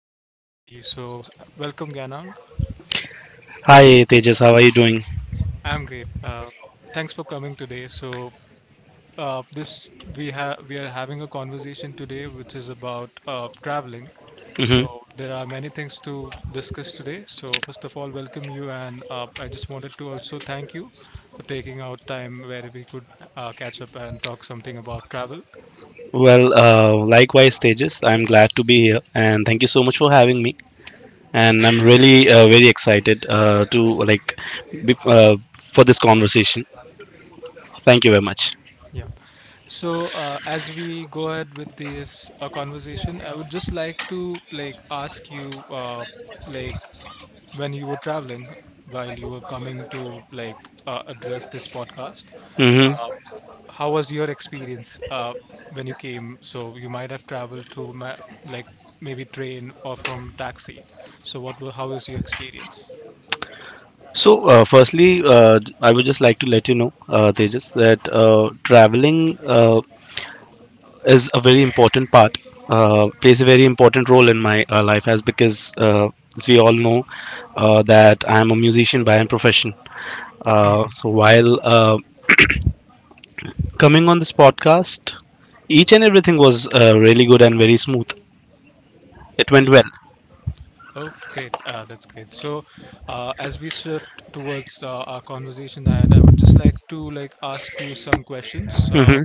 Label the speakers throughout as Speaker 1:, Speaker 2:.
Speaker 1: to everybody. So, welcome Ganang.
Speaker 2: Hi Tejas, how are you doing?
Speaker 1: I'm great. Thanks for coming today. So, this we have we are having a conversation today, which is about traveling.
Speaker 2: hmm
Speaker 1: So, there are many things to discuss today. So, first of all, welcome you, and I just wanted to also thank you for taking out time where we could catch up and talk something about travel.
Speaker 2: Well, likewise, Tejas, I'm glad to be here and thank you so much for having me. And I'm really very excited to like for this conversation. Thank you very much.
Speaker 1: Yeah. So, as we go ahead with this conversation, I would just like to like ask you, like when you were traveling, while you were coming to like address this podcast,
Speaker 2: hmm
Speaker 1: uh, how was your experience when you came? So you might have traveled through ma like maybe train or from taxi. So how was your experience?
Speaker 2: So, firstly, I would just like to let you know, Tejas, that traveling is a very important part, plays a very important role in my life, as because as we all know that I am a musician by profession. Uh,
Speaker 1: Hmm.
Speaker 2: so while coming on this podcast, each and everything was really good and very smooth. It went well.
Speaker 1: Oh, great. That's great. So, as we shift towards our conversation ahead, I would just like to like ask you some questions
Speaker 2: Hmm,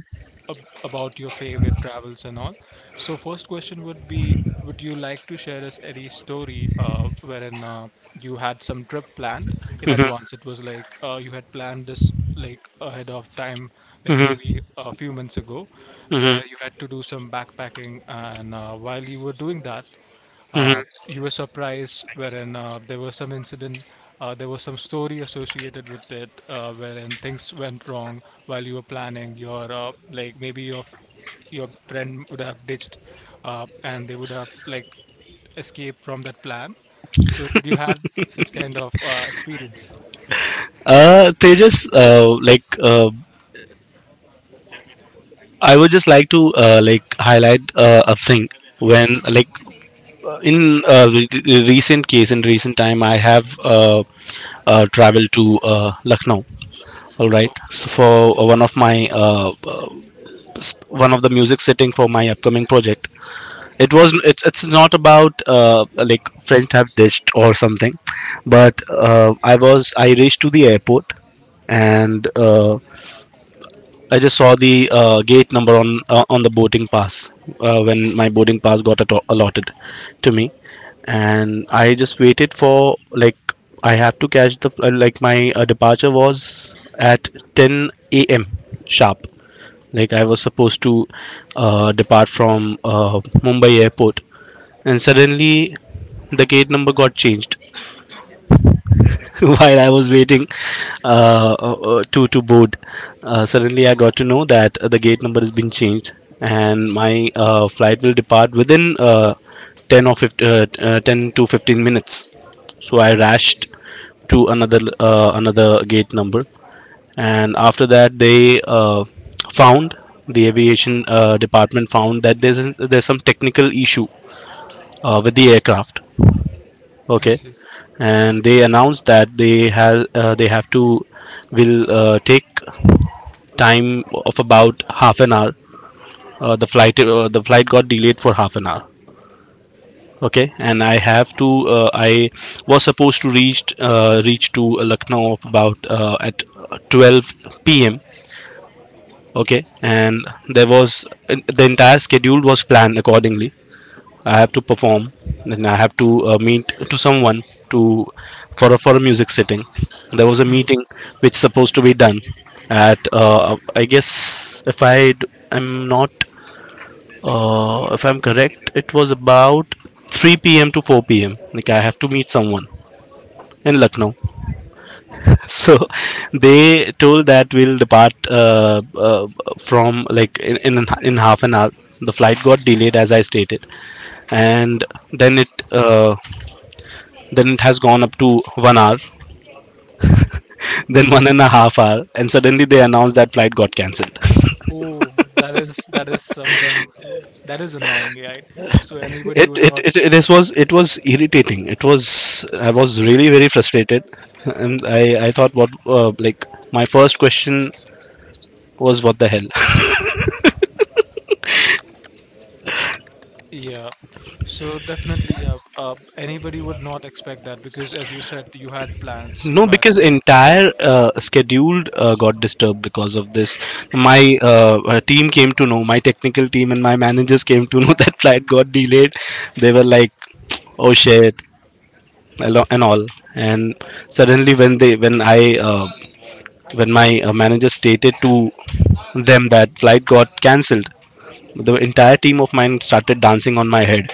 Speaker 1: about your favorite travels and all. So, first question would be, would you like to share us any story wherein you had some trip planned in
Speaker 2: hmm,
Speaker 1: advance? It was like you had planned this like ahead of time, like
Speaker 2: hmm,
Speaker 1: maybe a few months ago,
Speaker 2: hmm,
Speaker 1: where you had to do some backpacking, and while you were doing that
Speaker 2: hmm.
Speaker 1: uh, you were surprised, wherein there was some incident, there was some story associated with it, wherein things went wrong while you were planning. Your like maybe your your friend would have ditched, and they would have like escaped from that plan. So did you had such kind of experience?
Speaker 2: Tejas, like, I would just like to like, highlight a thing. When, like, in recent case, in recent time, I have traveled to Lucknow, all
Speaker 1: Oh,
Speaker 2: right? So for one of my one of the music setting for my upcoming project. It's not about like, friends have ditched or something, but I reached to the airport, and I just saw the gate number on on the boarding pass when my boarding pass got allotted to me. And I just waited for, like, I have to catch like, my departure was at 10 a.m. sharp. Like, I was supposed to depart from Mumbai airport, and suddenly the gate number got changed while I was waiting to board. Suddenly I got to know that the gate number has been changed, and my flight will depart within 10 or 15, 10 to 15 minutes. So I rushed to another gate number, and after that, found the aviation department found that there's some technical issue with the aircraft.
Speaker 1: I
Speaker 2: Okay,
Speaker 1: see.
Speaker 2: and they announced that they have to will take time of about half an hour. The flight, the flight got delayed for half an hour. Okay, and I was supposed to reach to Lucknow of about, at 12 p.m. Okay, and the entire schedule was planned accordingly. I have to perform, and I have to meet to someone to for a music setting. There was a
Speaker 1: Mm.
Speaker 2: meeting which supposed to be done at I guess, if I d- am not if I'm correct, it was about 3 p.m. to 4 p.m. Like, I have to meet someone in Lucknow. So they told that we'll depart from like, in half an hour. The flight got delayed as I stated, and then it uh, then it has gone up to 1 hour, then 1.5 hour, and suddenly they announced that flight got cancelled.
Speaker 1: Oh, that is something that is annoying, right? So
Speaker 2: It
Speaker 1: anybody would
Speaker 2: it,
Speaker 1: not.
Speaker 2: it it this was it was irritating. It was I was really very frustrated, and I thought, what like, my first question was, what the hell?
Speaker 1: Yeah, so definitely, yeah, anybody would not expect that because, as you said, you had plans, you
Speaker 2: No,
Speaker 1: had
Speaker 2: because
Speaker 1: to.
Speaker 2: entire scheduled got disturbed because of this, my team came to know, my technical team and my managers came to know that flight got delayed. They were like, oh shit, and all. And suddenly, when my manager stated to them that flight got cancelled, the entire team of mine started dancing on my head.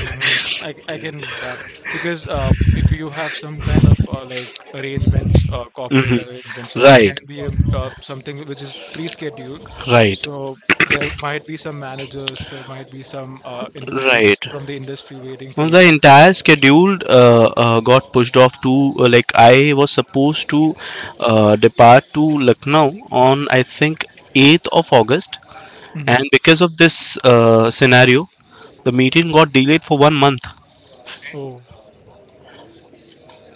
Speaker 1: Hmm. I can get that because if you have some kind of like arrangements, corporate arrangements, or it
Speaker 2: Right,
Speaker 1: can be something which is pre-scheduled,
Speaker 2: right,
Speaker 1: so there might be some managers, there might be some individuals
Speaker 2: right.
Speaker 1: from the industry waiting for
Speaker 2: And the
Speaker 1: you.
Speaker 2: entire schedule got pushed off to, like, I was supposed to depart to Lucknow on, I think, 8th of August.
Speaker 1: Hmm.
Speaker 2: And because of this scenario, the meeting got delayed for 1 month.
Speaker 1: Oh.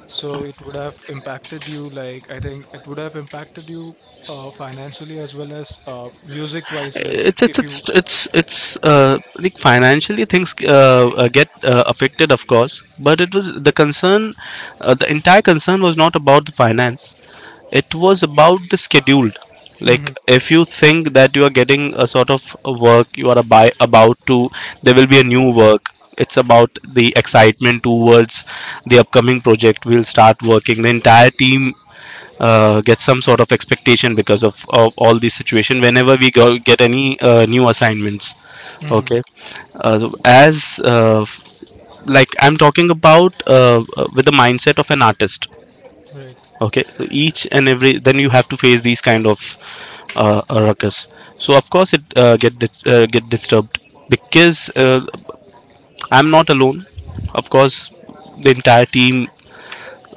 Speaker 1: So it would have impacted you, like, I think it would have impacted you financially as well as music-wise, like,
Speaker 2: it's it's
Speaker 1: if you.
Speaker 2: it's it's it's like, financially things get affected, of course, but it was the concern, the entire concern was not about the finance, it was about the schedule. Like,
Speaker 1: Hmm.
Speaker 2: if you think that you are getting a sort of a work, you are by, about to, there will be a new work. It's about the excitement towards the upcoming project. We'll start working. The entire team get some sort of expectation because of all these situation, whenever we go get any new assignments,
Speaker 1: Hmm.
Speaker 2: okay? So as, like, I'm talking about with the mindset of an artist,
Speaker 1: Right.
Speaker 2: okay? So each and every, then you have to face these kind of ruckus. So of course it get disturbed, because I'm not alone, of course the entire team,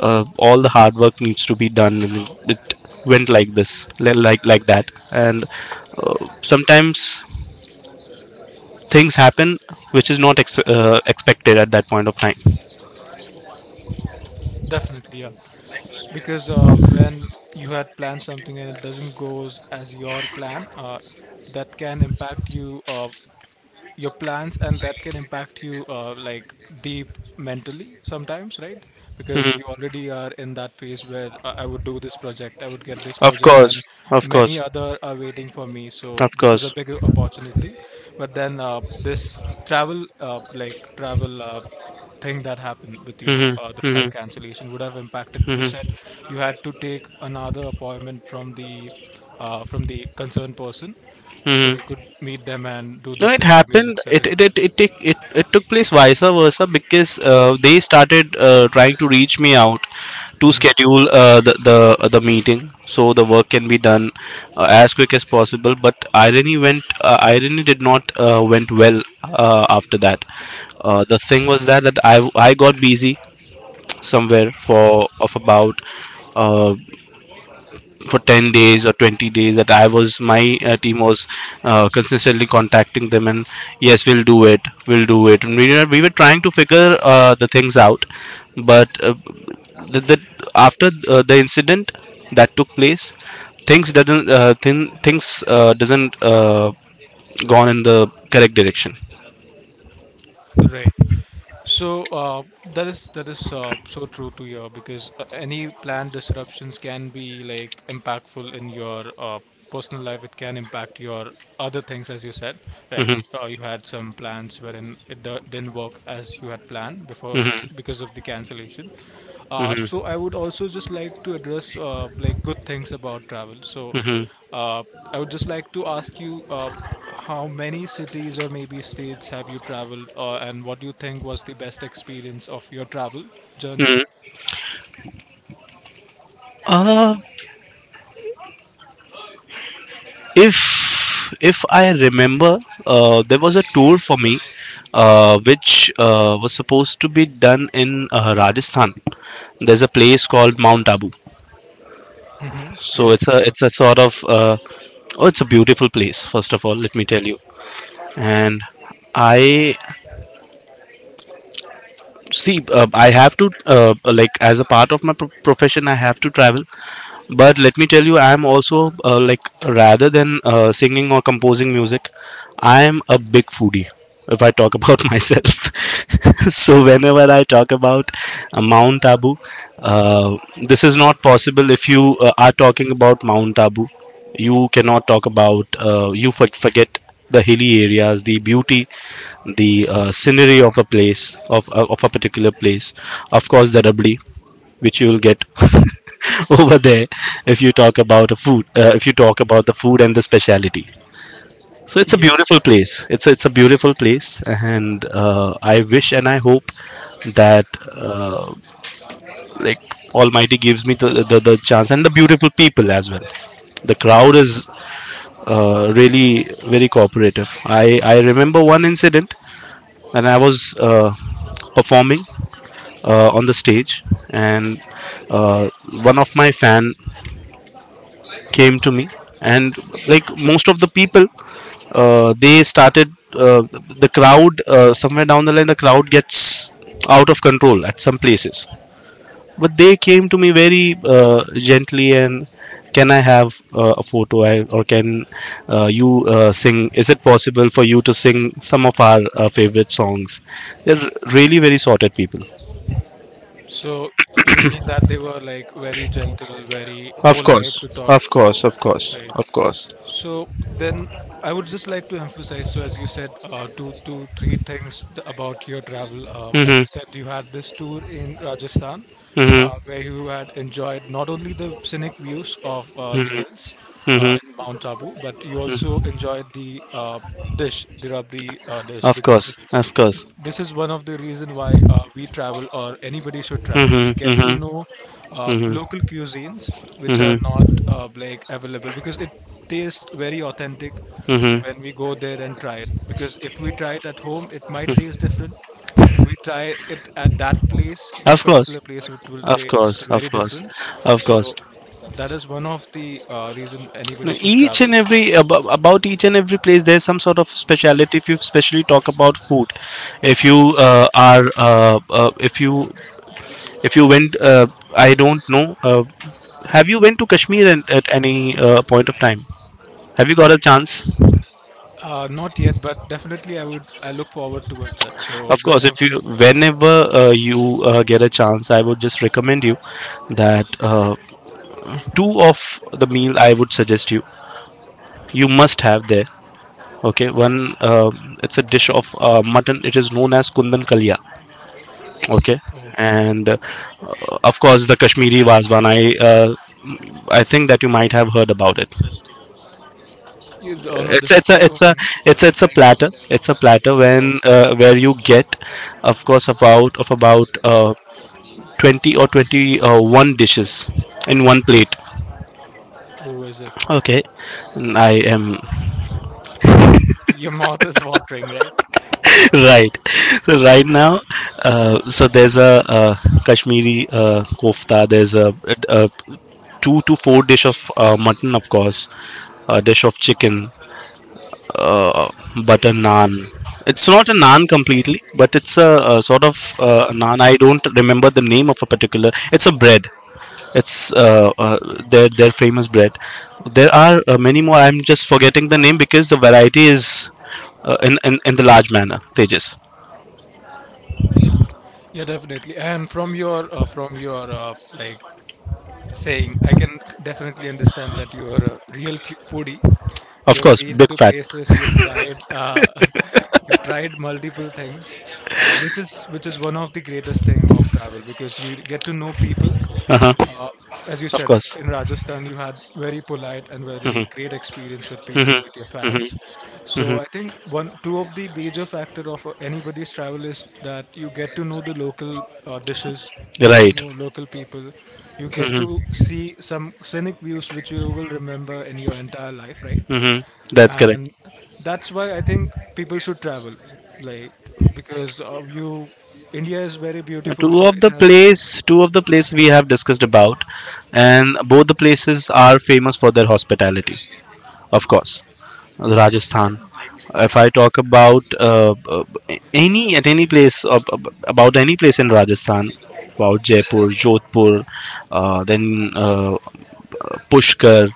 Speaker 2: all the hard work needs to be done, and it went like this, like that. And uh, sometimes things happen which is not expected at that point of time.
Speaker 1: Definitely, yeah. Because when you had planned something and it doesn't go as your plan, that can impact you. Your plans, and that can impact you like deep mentally sometimes, right? Because you
Speaker 2: Hmm.
Speaker 1: already are in that phase where I would do this project, I would get this
Speaker 2: Of
Speaker 1: project, and
Speaker 2: course, of
Speaker 1: many
Speaker 2: course,
Speaker 1: other are waiting for me, so
Speaker 2: of
Speaker 1: this is a
Speaker 2: course.
Speaker 1: big opportunity. But then this travel like travel thing that happened with you,
Speaker 2: Hmm,
Speaker 1: the flight
Speaker 2: hmm,
Speaker 1: cancellation would have impacted You
Speaker 2: hmm,
Speaker 1: said you had to take another appointment from the concerned person so
Speaker 2: hmm.
Speaker 1: you could meet them and do
Speaker 2: No,
Speaker 1: this
Speaker 2: it
Speaker 1: music
Speaker 2: happened. It
Speaker 1: setting.
Speaker 2: it it it take- it, it took place vice versa, because they started trying to reach me out to
Speaker 1: Hmm.
Speaker 2: schedule the meeting, so the work can be done as quick as possible. But irony did not went well after that. The thing was that I got busy somewhere for of about. Uh, for 10 days or 20 days, that I was my team was consistently contacting them, and yes, we'll do it, we'll do it, and we were trying to figure the things out. But the, the, after the incident that took place, things doesn't uh, thin, things doesn't gone in the correct direction.
Speaker 1: Right. So that is so true to your because any planned disruptions can be like impactful in your personal life. It can impact your other things, as you said, right?
Speaker 2: Mm-hmm,
Speaker 1: You had some plans wherein it didn't work as you had planned before
Speaker 2: mm-hmm,
Speaker 1: because of the cancellation. So
Speaker 2: mm-hmm,
Speaker 1: I would also just like to address like good things about travel. So
Speaker 2: mm-hmm.
Speaker 1: uh, I would just like to ask you. How many cities or maybe states have you traveled, and what do you think was the best experience of your travel journey?
Speaker 2: Mm-hmm. Uh, if I remember, there was a tour for me which was supposed to be done in Rajasthan. There's a place called Mount Abu.
Speaker 1: Hmm. Yeah,
Speaker 2: So
Speaker 1: it's
Speaker 2: it's a
Speaker 1: famous.
Speaker 2: sort of, oh, it's a beautiful place, first of all, let me tell you. And i I have to like, as a part of my profession, I have to travel. But let me tell you, I am also like, rather than singing or composing music, I am a big foodie, if I talk about myself. So whenever I talk about Mount Abu, uh, this is not possible. If you are talking about Mount Abu, you cannot talk about forget the hilly areas, the beauty, the scenery of a place, of a particular place, of course the rabdi which you will get over there, if you talk about a food, if you talk about the food and the speciality. So it's a
Speaker 1: Yeah.
Speaker 2: beautiful place, it's a beautiful place. And I wish and I hope that uh, like, almighty gives me the chance, and the beautiful people as well. The crowd is really very cooperative. I remember one incident, and I was performing on the stage, and uh, one of my fan came to me. And like most of the people, they started uh, the crowd somewhere down the line the crowd gets out of control at some places, but they came to me very gently and, can I have a photo? I, or can you sing? Is it possible for you to sing some of our favorite songs? They're really very sorted people.
Speaker 1: So you mean that they were like very gentle, very
Speaker 2: Of
Speaker 1: polite
Speaker 2: course,
Speaker 1: to talk.
Speaker 2: of course, of course,
Speaker 1: Right.
Speaker 2: of course.
Speaker 1: So then I would just like to emphasize, so as you said, two, three things about your travel. As
Speaker 2: Mm-hmm,
Speaker 1: you said, you had this tour in Rajasthan,
Speaker 2: mm-hmm,
Speaker 1: where you had enjoyed not only the scenic views of the hills in
Speaker 2: mm-hmm.
Speaker 1: Mount Abu, but you also enjoyed the dish, the rabri dish,
Speaker 2: Of
Speaker 1: because
Speaker 2: course, of course.
Speaker 1: this is one of the reason why we travel or anybody should travel. We
Speaker 2: Mhm,
Speaker 1: get to
Speaker 2: mhm,
Speaker 1: know
Speaker 2: mhm,
Speaker 1: local cuisines which are
Speaker 2: mhm,
Speaker 1: not like available, because it tastes very authentic
Speaker 2: mhm.
Speaker 1: when we go there and try it. Because if we try it at home it might taste different; if we try it at that place, that
Speaker 2: Of course,
Speaker 1: particular place, it will
Speaker 2: of
Speaker 1: taste
Speaker 2: course, of
Speaker 1: very
Speaker 2: course,
Speaker 1: different.
Speaker 2: of course.
Speaker 1: So that is one of the reason anybody
Speaker 2: No.
Speaker 1: should
Speaker 2: Each and
Speaker 1: travel.
Speaker 2: every ab- about each and every place, there's some sort of speciality. If you specially talk about food, if you uh, are uh, uh, if you if you went, I don't know. Have you went to Kashmir at any point of time? Have you got a chance?
Speaker 1: Not yet, but definitely I look forward towards it, so
Speaker 2: Of course, if
Speaker 1: whenever.
Speaker 2: you whenever you get a chance, I would just recommend you that two of the meal I would suggest you must have there, okay? One. uh, it's a dish of mutton. It is known as Kundan Kalya, okay?
Speaker 1: Oh,
Speaker 2: And of course, the Kashmiri Wazwan. Uh, I think that you might have heard about it.
Speaker 1: you, oh no,
Speaker 2: It's
Speaker 1: this is
Speaker 2: it's
Speaker 1: the
Speaker 2: a it's a
Speaker 1: oven.
Speaker 2: it's a it's a platter. It's a platter,
Speaker 1: Oh,
Speaker 2: when where you get, of course, about of about 20 or twenty one dishes in one plate.
Speaker 1: who is it?
Speaker 2: Okay. And I am
Speaker 1: Your mouth is watering, right?
Speaker 2: right, so right now so there's a uh, Kashmiri kofta, there's a two to four dish of mutton, of course a dish of chicken, uh, butter naan. It's not a naan completely, but it's a sort of naan. I don't remember the name of a particular, it's a bread, it's their famous bread. There are many more, I'm just forgetting the name because the variety is in the large manner, Tejas.
Speaker 1: Yeah, definitely. And from your like saying, I can definitely understand that you are a real foodie. You
Speaker 2: Of
Speaker 1: have
Speaker 2: course,
Speaker 1: been
Speaker 2: big
Speaker 1: to
Speaker 2: fat.
Speaker 1: places, you've tried multiple things, which is one of the greatest thing of travel because you get to know people.
Speaker 2: Uh-huh.
Speaker 1: Uh, as you
Speaker 2: Of
Speaker 1: said,
Speaker 2: course.
Speaker 1: in Rajasthan, you had very polite and very great experience with people, with your fans. So I think two of the major factor of anybody's travel is that you get to know the local dishes, you get to
Speaker 2: Right.
Speaker 1: know local people, you get to
Speaker 2: Hmm.
Speaker 1: see some scenic views which you will remember in your entire life, right?
Speaker 2: Hmm. That's correct.
Speaker 1: And that's why I think people should travel, like because India is very
Speaker 2: Uh,
Speaker 1: beautiful.
Speaker 2: Two of
Speaker 1: It
Speaker 2: the
Speaker 1: has.
Speaker 2: place, two of the places we have discussed about, and both the places are famous for their hospitality. Of course, Rajasthan. If I talk about any place about any place in Rajasthan, about Jaipur, Jodhpur, then Pushkar,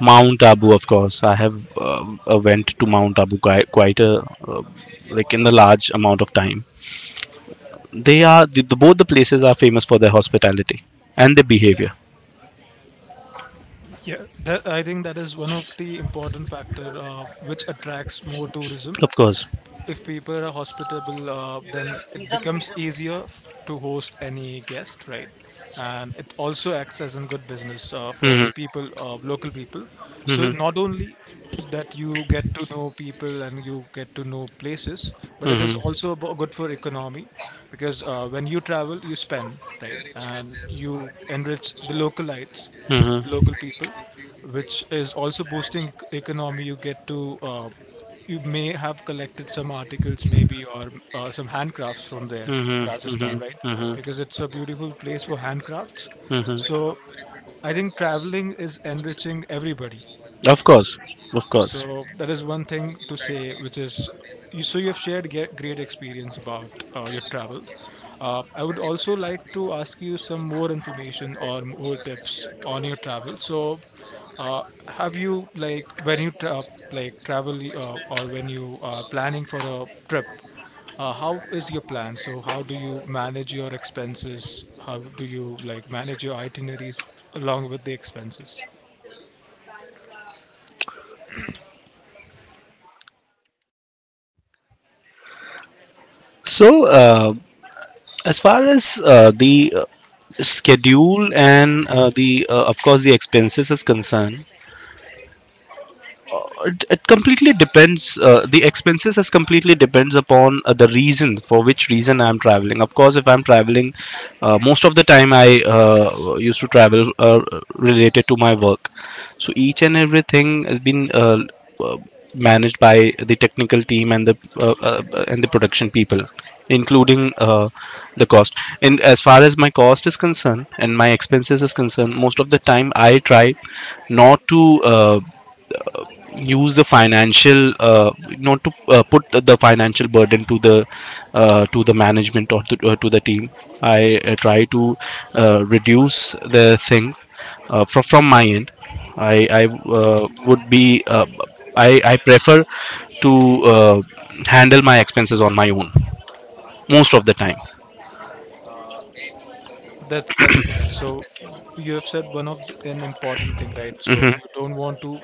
Speaker 2: Mount Abu, of course. I have went to Mount Abu quite a uh, like in the large amount of time. They are both the places are famous for their hospitality and their behavior,
Speaker 1: Yeah, I think that is one of the important factor which attracts more tourism.
Speaker 2: of course.
Speaker 1: If people are hospitable, then it becomes easier to host any guest, right? And it also acts as a good business for
Speaker 2: Hmm.
Speaker 1: the people, local people. So
Speaker 2: Hmm.
Speaker 1: not only that you get to know people and you get to know places, but it is
Speaker 2: Hmm.
Speaker 1: also good for economy, because when you travel, you spend, right? And you enrich the
Speaker 2: Hmm.
Speaker 1: local people, which is also boosting economy. You get to you may have collected some articles maybe or some handcrafts from there,
Speaker 2: Hmm.
Speaker 1: Rajasthan, right?
Speaker 2: Hmm.
Speaker 1: Because it's a beautiful place for handcrafts.
Speaker 2: Hmm.
Speaker 1: So I think traveling is enriching everybody.
Speaker 2: Of course, of course.
Speaker 1: So that is one thing to say, which is you. So you have shared great experience about your travel. I would also like to ask you some more information or more tips on your travel. So, uh, have you like when you like travel or when you are planning for a trip? How is your plan? So, how do you manage your expenses? How do you like manage your itineraries along with the expenses?
Speaker 2: So, as far as the schedule and the of course the expenses is concerned, it completely depends, the expenses is completely depends upon the reason for which reason I'm traveling. Of course, if I'm traveling most of the time I used to travel related to my work, so each and everything has been uh, managed by the technical team and the production people including the cost. And as far as my cost is concerned and my expenses is concerned, most of the time I try not to uh, use the financial, not to put the financial burden to the management, or to the team. I try to reduce the thing from my end. I i uh, would be uh, i i prefer to handle my expenses on my own most of the time.
Speaker 1: That's you, right? So you don't want to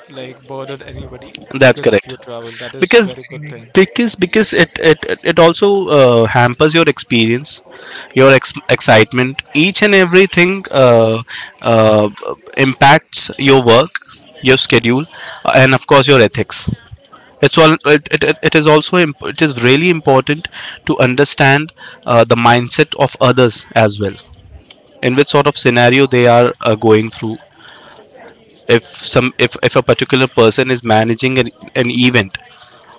Speaker 1: burden anybody
Speaker 2: That's correct,
Speaker 1: travel
Speaker 2: because it also hampers your experience, your excitement. Each and everything uh, impacts your work, your schedule, and of course your
Speaker 1: do
Speaker 2: ethics. It's all, it is also it is really important to understand the mindset of others as well, in which sort of scenario they are going through. If some if a particular person is managing an event,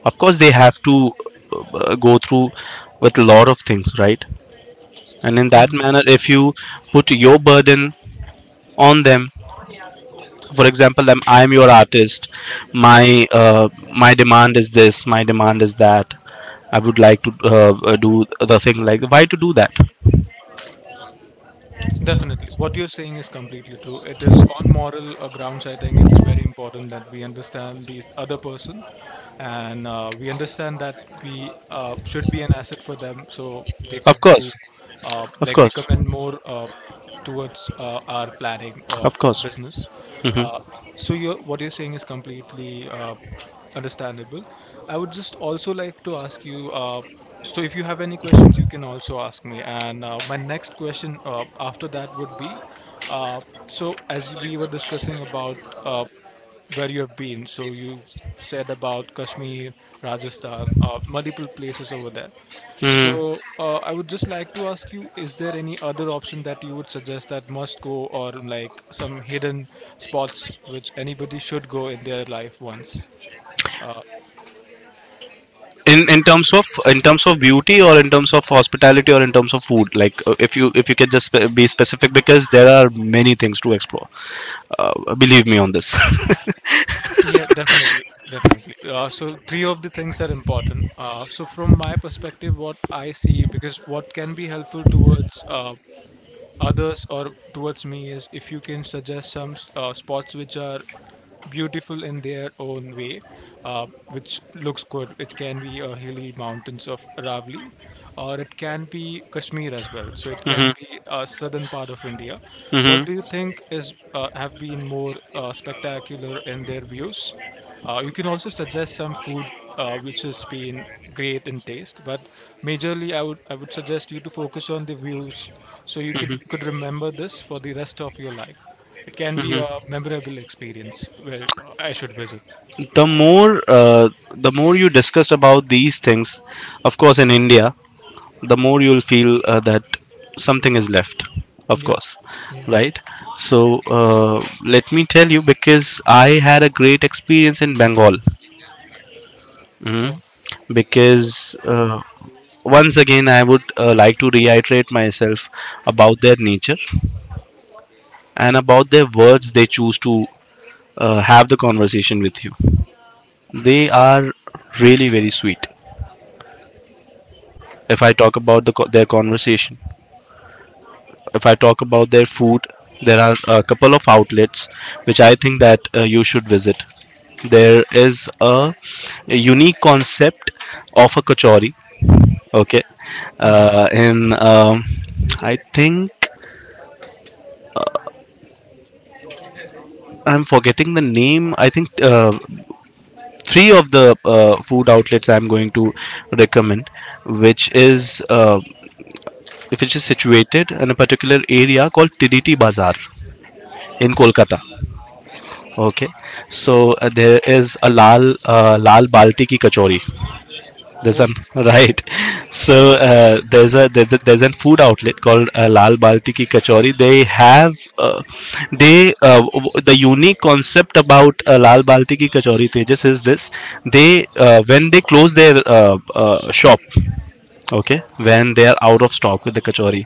Speaker 2: of course they have to go through with a lot of things, right?
Speaker 1: to.
Speaker 2: And in that manner, if you put your burden on them. For example, I'm your artist, my my demand is this, my demand is that, I would like to do the thing. Like, why to do that?
Speaker 1: What you're saying is person, and we understand that we should be an asset for them so they
Speaker 2: Of
Speaker 1: could do
Speaker 2: course, of
Speaker 1: like
Speaker 2: course,
Speaker 1: recommend more towards our planning of
Speaker 2: of course.
Speaker 1: business.
Speaker 2: Hmm.
Speaker 1: Uh, what you're saying is completely understandable. I would just also like to ask you. So if you have any questions, you can also ask me. And my next question after that would be. Uh, so as we were discussing about uh, where you have been. So you said about Kashmir, Rajasthan, multiple places over there.
Speaker 2: Hmm.
Speaker 1: So I would just like to ask you: is there any other option that you would suggest that must go, or like some hidden spots which anybody should go in their life once? Uh,
Speaker 2: In in terms of in terms of beauty, or in terms of hospitality, or in terms of food. Like if you can just be specific, because there are many things to explore. Believe me on this.
Speaker 1: yeah, definitely, definitely. So three of the things are important. So from my perspective, what I see, because what can be helpful towards others or towards me is if you can suggest some spots which are beautiful in their own way, which looks good. It can be hilly mountains of Aravali, or it can be Kashmir as well. So it
Speaker 2: Mhm,
Speaker 1: can be a southern part of India. What
Speaker 2: mhm,
Speaker 1: do you think is have been more spectacular in their views? You can also suggest some food which has been great in taste, but majorly I would suggest you to focus on the views so you can
Speaker 2: mhm,
Speaker 1: could remember this for the rest of your life. It can be
Speaker 2: mhm.
Speaker 1: a memorable experience where I should visit.
Speaker 2: The more you discuss about these things, of course, in India, the more you'll feel that something is left. Of
Speaker 1: Yeah,
Speaker 2: course,
Speaker 1: yeah.
Speaker 2: right? So let me tell you, because I had a great experience in Bengal.
Speaker 1: Oh.
Speaker 2: Mhm. Because once again, I would like to reiterate myself about their nature and about their words they choose to have the conversation with you. They are really very sweet. If I talk about the their conversation, if I talk about their food, there are a couple of outlets which I think that you should visit. There is a unique concept of a kachori. Okay, in I think I'm forgetting the name. I think three of the food outlets I'm going to recommend, which is uh, which is situated in a particular area called TDT Bazaar in Kolkata. Okay, so there is a lal balti ki kachori. There's
Speaker 1: Oh.
Speaker 2: an right. So there's there's an food outlet called Lal Balti ki kachori. They have uh, they the unique concept about Lal Balti ki kachori, Tejas, is this. They when they close their shop, okay, when they are out of stock with the kachori,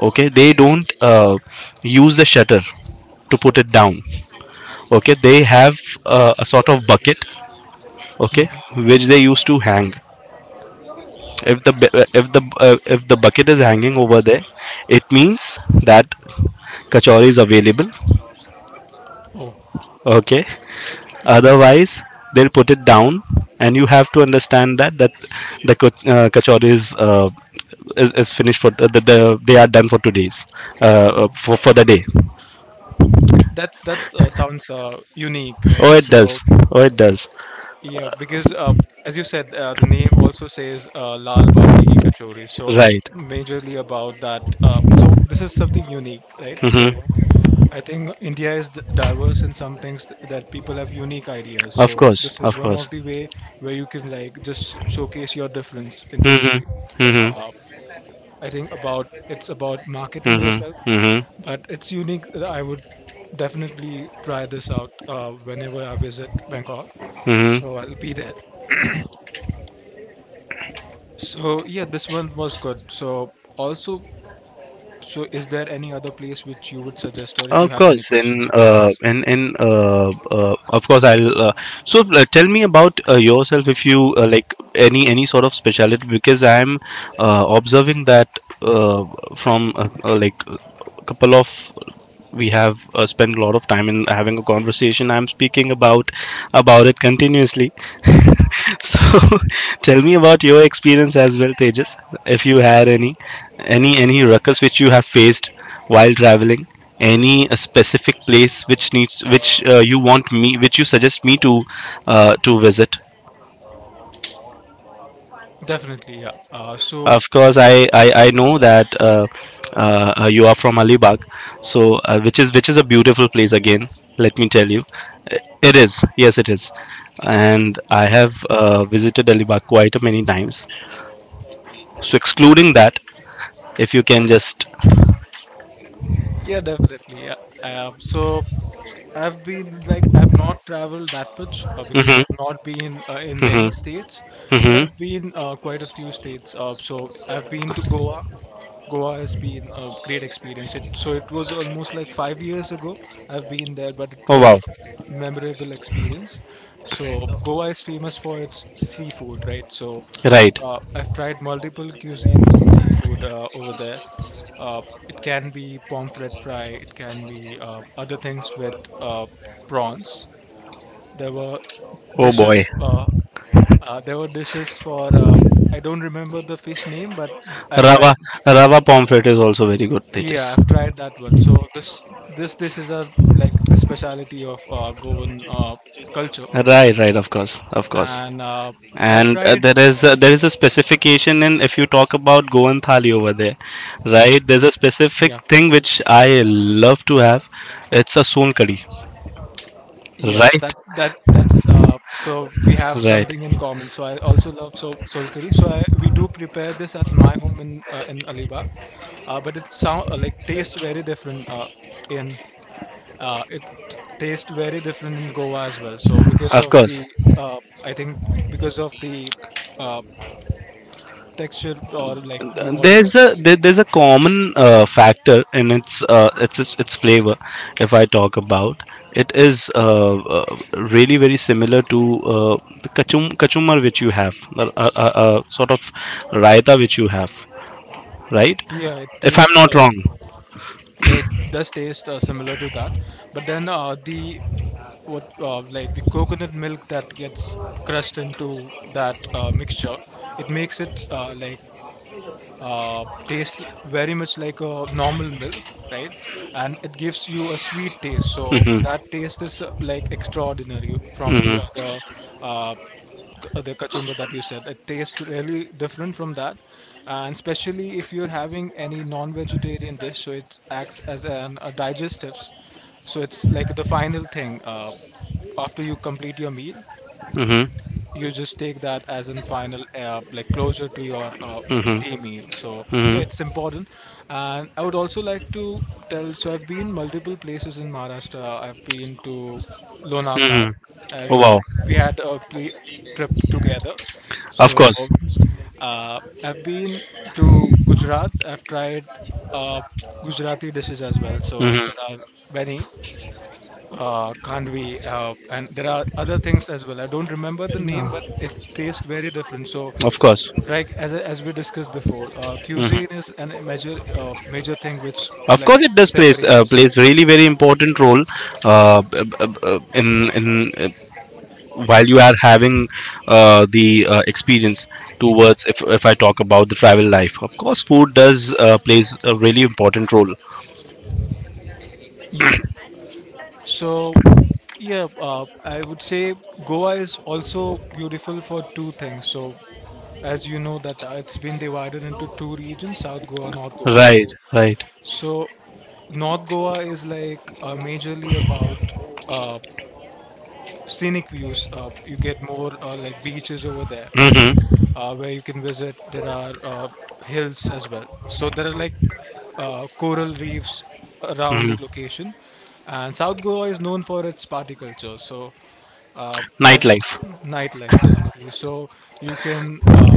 Speaker 2: okay, they don't use the shutter to put it down, okay, they have a sort of bucket, okay,
Speaker 1: Mhm.
Speaker 2: which they used to hang. If the if the uh, if the bucket is hanging over there, it means that kachori is available.
Speaker 1: Oh.
Speaker 2: Okay, otherwise, they'll put it down, and you have to understand that the kachori is finished. For the They are done for today's
Speaker 1: Oh.
Speaker 2: for the day.
Speaker 1: That's sounds unique, right?
Speaker 2: Oh, it
Speaker 1: So,
Speaker 2: does. Oh, it does.
Speaker 1: yeah, because as you said, the name also says Lal Balti Ki Kachori, so it's
Speaker 2: Right.
Speaker 1: majorly about that. So this is something unique, right? So
Speaker 2: Mm-hmm.
Speaker 1: I think India is diverse in some things that people have unique ideas.
Speaker 2: Of
Speaker 1: So
Speaker 2: course.
Speaker 1: this is
Speaker 2: Of
Speaker 1: one
Speaker 2: course.
Speaker 1: of the way where you can like just showcase your difference into the.
Speaker 2: Mm-hmm. Mm-hmm.
Speaker 1: Uh, I think about it's about marketing yourself,
Speaker 2: Mm-hmm. Mm-hmm.
Speaker 1: but it's unique. I would definitely try this out whenever I visit Bangkok. So
Speaker 2: Mm-hmm.
Speaker 1: I'll be there. So yeah, this one was good. So also, so is there any other place which you would suggest, or if you
Speaker 2: Of
Speaker 1: have any
Speaker 2: course.
Speaker 1: questions, you can ask?
Speaker 2: In Of course, I'll. Tell me about yourself, if you like any sort of speciality. Because I'm observing that uh, from like a couple of we have spent a lot of time in having a conversation. I'm speaking about it continuously. So tell me about your experience as well, Tejas, if you had any ruckus which you have faced while traveling, any specific place which needs, which you want me, which you suggest me to visit.
Speaker 1: Definitely, yeah. So
Speaker 2: Of course, I know that you are from Alibag, so which is a beautiful place. Again let me tell you, I- it is, yes, it is. And I have visited Alibag quite a many times. So excluding that, if you can just.
Speaker 1: yeah, definitely, yeah. So I've been like I've not traveled that much because
Speaker 2: Hmm.
Speaker 1: I've not been in many
Speaker 2: Hmm.
Speaker 1: states, but
Speaker 2: Hmm.
Speaker 1: I've been quite a few states. So I've been to Goa. Goa has been a great experience. It was almost like 5 years ago I've been there, but it
Speaker 2: Oh,
Speaker 1: was a
Speaker 2: wow.
Speaker 1: memorable experience. So Goa is famous for its seafood, right? So
Speaker 2: Right.
Speaker 1: I've tried multiple cuisines in seafood over there. Uh, it can be pomfret fry, it can be other things with uh, prawns. There were
Speaker 2: Oh boy.
Speaker 1: dishes uh, there were dishes for I don't remember the fish name, but I've tried.
Speaker 2: Rava rava pomfret is also very good, Tejas.
Speaker 1: Yeah, I've tried that one. So this is a like the speciality of Goan culture,
Speaker 2: Right, right, of course, of course.
Speaker 1: and I've
Speaker 2: And
Speaker 1: tried.
Speaker 2: there is a specification in, if you talk about Goan thali over there, right? There's a specific
Speaker 1: Yeah,
Speaker 2: thing which I love to have. It's a son curry,
Speaker 1: yeah.
Speaker 2: right?
Speaker 1: That's so we have
Speaker 2: Right,
Speaker 1: something in common. So I also love so soul curry. We do prepare this at my home in Alibag, but it sound like tastes very different in it tastes very different in Goa as well. So because
Speaker 2: of
Speaker 1: of
Speaker 2: course.
Speaker 1: the uh, I think because of the uh, texture or like the water,
Speaker 2: There's there's a common factor in its flavor. If I talk about it, is really very similar to uh, the kachumar which you have, a sort of raita which you have, right?
Speaker 1: yeah, it
Speaker 2: If I'm
Speaker 1: tastes
Speaker 2: not wrong.
Speaker 1: yeah, it does taste similar to that, but then the what like the coconut milk that gets crushed into that mixture, it makes it tastes very much like a normal milk, right? And it gives you a sweet taste. So that taste is like extraordinary from the
Speaker 2: Mhm.
Speaker 1: other the kachumba that you said. It tastes really different from that, and especially if you're having any non-vegetarian dish, so it acts as an a digestives. So it's like the final thing after you complete your meal,
Speaker 2: Mhm.
Speaker 1: you just take that as in final like closure to your
Speaker 2: Mhm.
Speaker 1: day meal. So yeah,
Speaker 2: Mhm.
Speaker 1: it's important, and I would also like to tell, so I've been multiple places in Maharashtra. I've been to Lonavala
Speaker 2: Mhm. Oh,
Speaker 1: as
Speaker 2: wow.
Speaker 1: we had a trip together.
Speaker 2: Of
Speaker 1: So
Speaker 2: course.
Speaker 1: I've been to Gujarat. I've tried uh, Gujarati dishes as well. So
Speaker 2: Mhm.
Speaker 1: there are many Kandvi, and there are other things as well. I don't remember the name, but it tastes very different. So,
Speaker 2: Of course.
Speaker 1: like as we discussed before, cuisine
Speaker 2: Mhm.
Speaker 1: is an major major thing which
Speaker 2: Of
Speaker 1: like
Speaker 2: course, it does plays
Speaker 1: separates.
Speaker 2: plays really very important role, b- b- b- in while you are having the experience towards, if I talk about the travel life. Of course, food does plays a really important role.
Speaker 1: Yeah. So, yeah, I would say Goa is also beautiful for two things. So, as you know, that it's been divided into two regions, South Goa, North Goa.
Speaker 2: Right.
Speaker 1: So,
Speaker 2: Right.
Speaker 1: so North Goa is like majorly about uh, scenic views. You get more like beaches over there
Speaker 2: Mhm.
Speaker 1: where you can visit. There are hills as well. So there are like coral reefs around the
Speaker 2: Mhm.
Speaker 1: location, and South Goa is known for its party culture. So uh, I've
Speaker 2: Nightlife.
Speaker 1: nightlife definitely. So you can uh,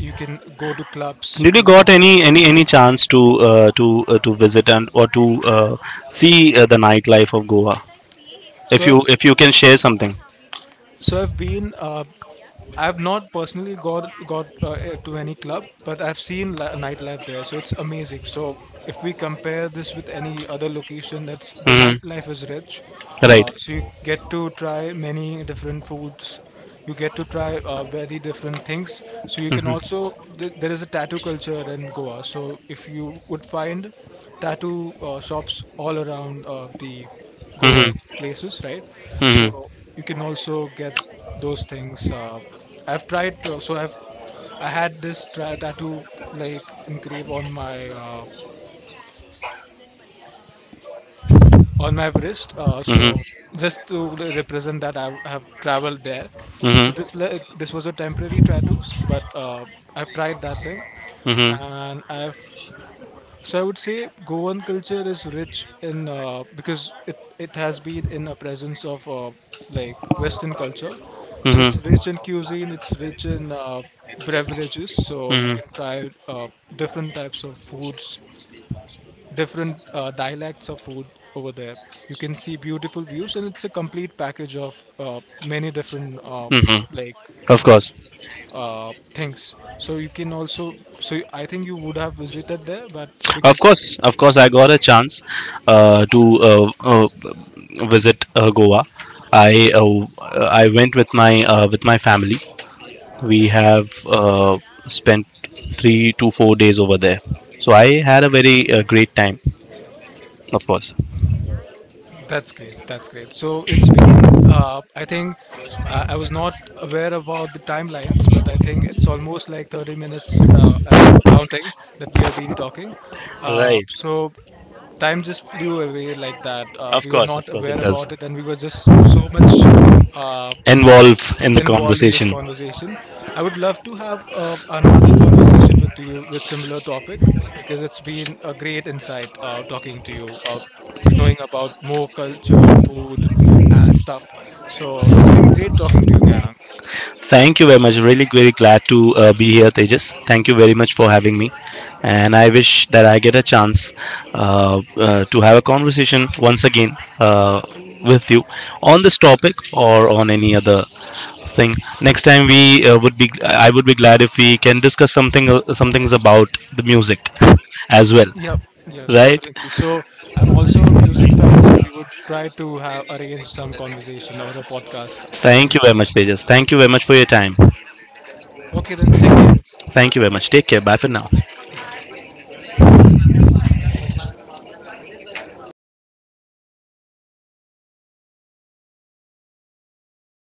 Speaker 1: you can go to clubs.
Speaker 2: Did you
Speaker 1: You can
Speaker 2: got any chance to to visit, and or to uh, see the nightlife of Goa? If
Speaker 1: so
Speaker 2: you
Speaker 1: certain
Speaker 2: if you can share
Speaker 1: I've
Speaker 2: something.
Speaker 1: so I've share on been social I have where not you personally got can got to any club, like but I've seen nightlife, yeah, there, so it's amazing. Like so if we compare this with any other location, that's like the
Speaker 2: Hmm.
Speaker 1: nightlife is rich. Uh,
Speaker 2: Right.
Speaker 1: so you get to try many different foods. You get to try very different things. So you can
Speaker 2: Hmm.
Speaker 1: also there is a tattoo culture in Goa. So if you would find tattoo shops all around the
Speaker 2: Hmm.
Speaker 1: Goa places, right?
Speaker 2: Hmm.
Speaker 1: So you can also get those things. I've tried, so I've I had this tattoo like engraved on my wrist. Uh,
Speaker 2: Hmm. Hmm.
Speaker 1: so just to represent that I have traveled there. So this this was a temporary tattoo, but I've tried that thing,
Speaker 2: Hmm.
Speaker 1: and I've. So I would say Goan culture is rich in because it has been in a presence of like Western culture. So
Speaker 2: Hmm.
Speaker 1: it's rich in cuisine. It's rich in beverages. So you can
Speaker 2: Hmm.
Speaker 1: try different types of foods, different dialects of food over there. You can see beautiful views, and it's a complete package of many different
Speaker 2: Hmm.
Speaker 1: like
Speaker 2: Of course,
Speaker 1: things. So you can also so I think you would have visited there, but
Speaker 2: of
Speaker 1: because
Speaker 2: course, of course. I got a chance to uh, uh, visit Goa. I uh, I went with my family. We have spent 3 to 4 days over there. So I had a very great time, of course.
Speaker 1: that's great. That's great. So it's been, I think, I was not aware about the timelines, but I think it's almost like 30 minutes and counting that we have been talking. Uh,
Speaker 2: Right.
Speaker 1: so time just flew away like that. Uh, we were
Speaker 2: Of
Speaker 1: not
Speaker 2: course, it
Speaker 1: aware
Speaker 2: does
Speaker 1: about it, and we were just so much Uh,
Speaker 2: involve in the
Speaker 1: involved in this
Speaker 2: conversation.
Speaker 1: conversation. I would love to have another conversation with you with similar topic because it's been a great insight talking to you, knowing about more culture, food, and stuff. So it's been great talking to you, Ganang.
Speaker 2: Thank you very much. Really very glad to be here, Tejas. Thank you very much for having me. And I wish that I get a chance to have a conversation once again with you on this topic or on any other thing. Next time we would be I would be glad if we can discuss something, some things about the music as well,
Speaker 1: Yeah, yeah,
Speaker 2: right?
Speaker 1: definitely. So I'm also a music fan, so we would try to have arrange some conversation or a podcast in
Speaker 2: Thank you very
Speaker 1: music.
Speaker 2: much, Tejas. Thank you very much for your time.
Speaker 1: Okay, then take care.
Speaker 2: Thank you very much. Take care. Bye for now.
Speaker 1: Bye.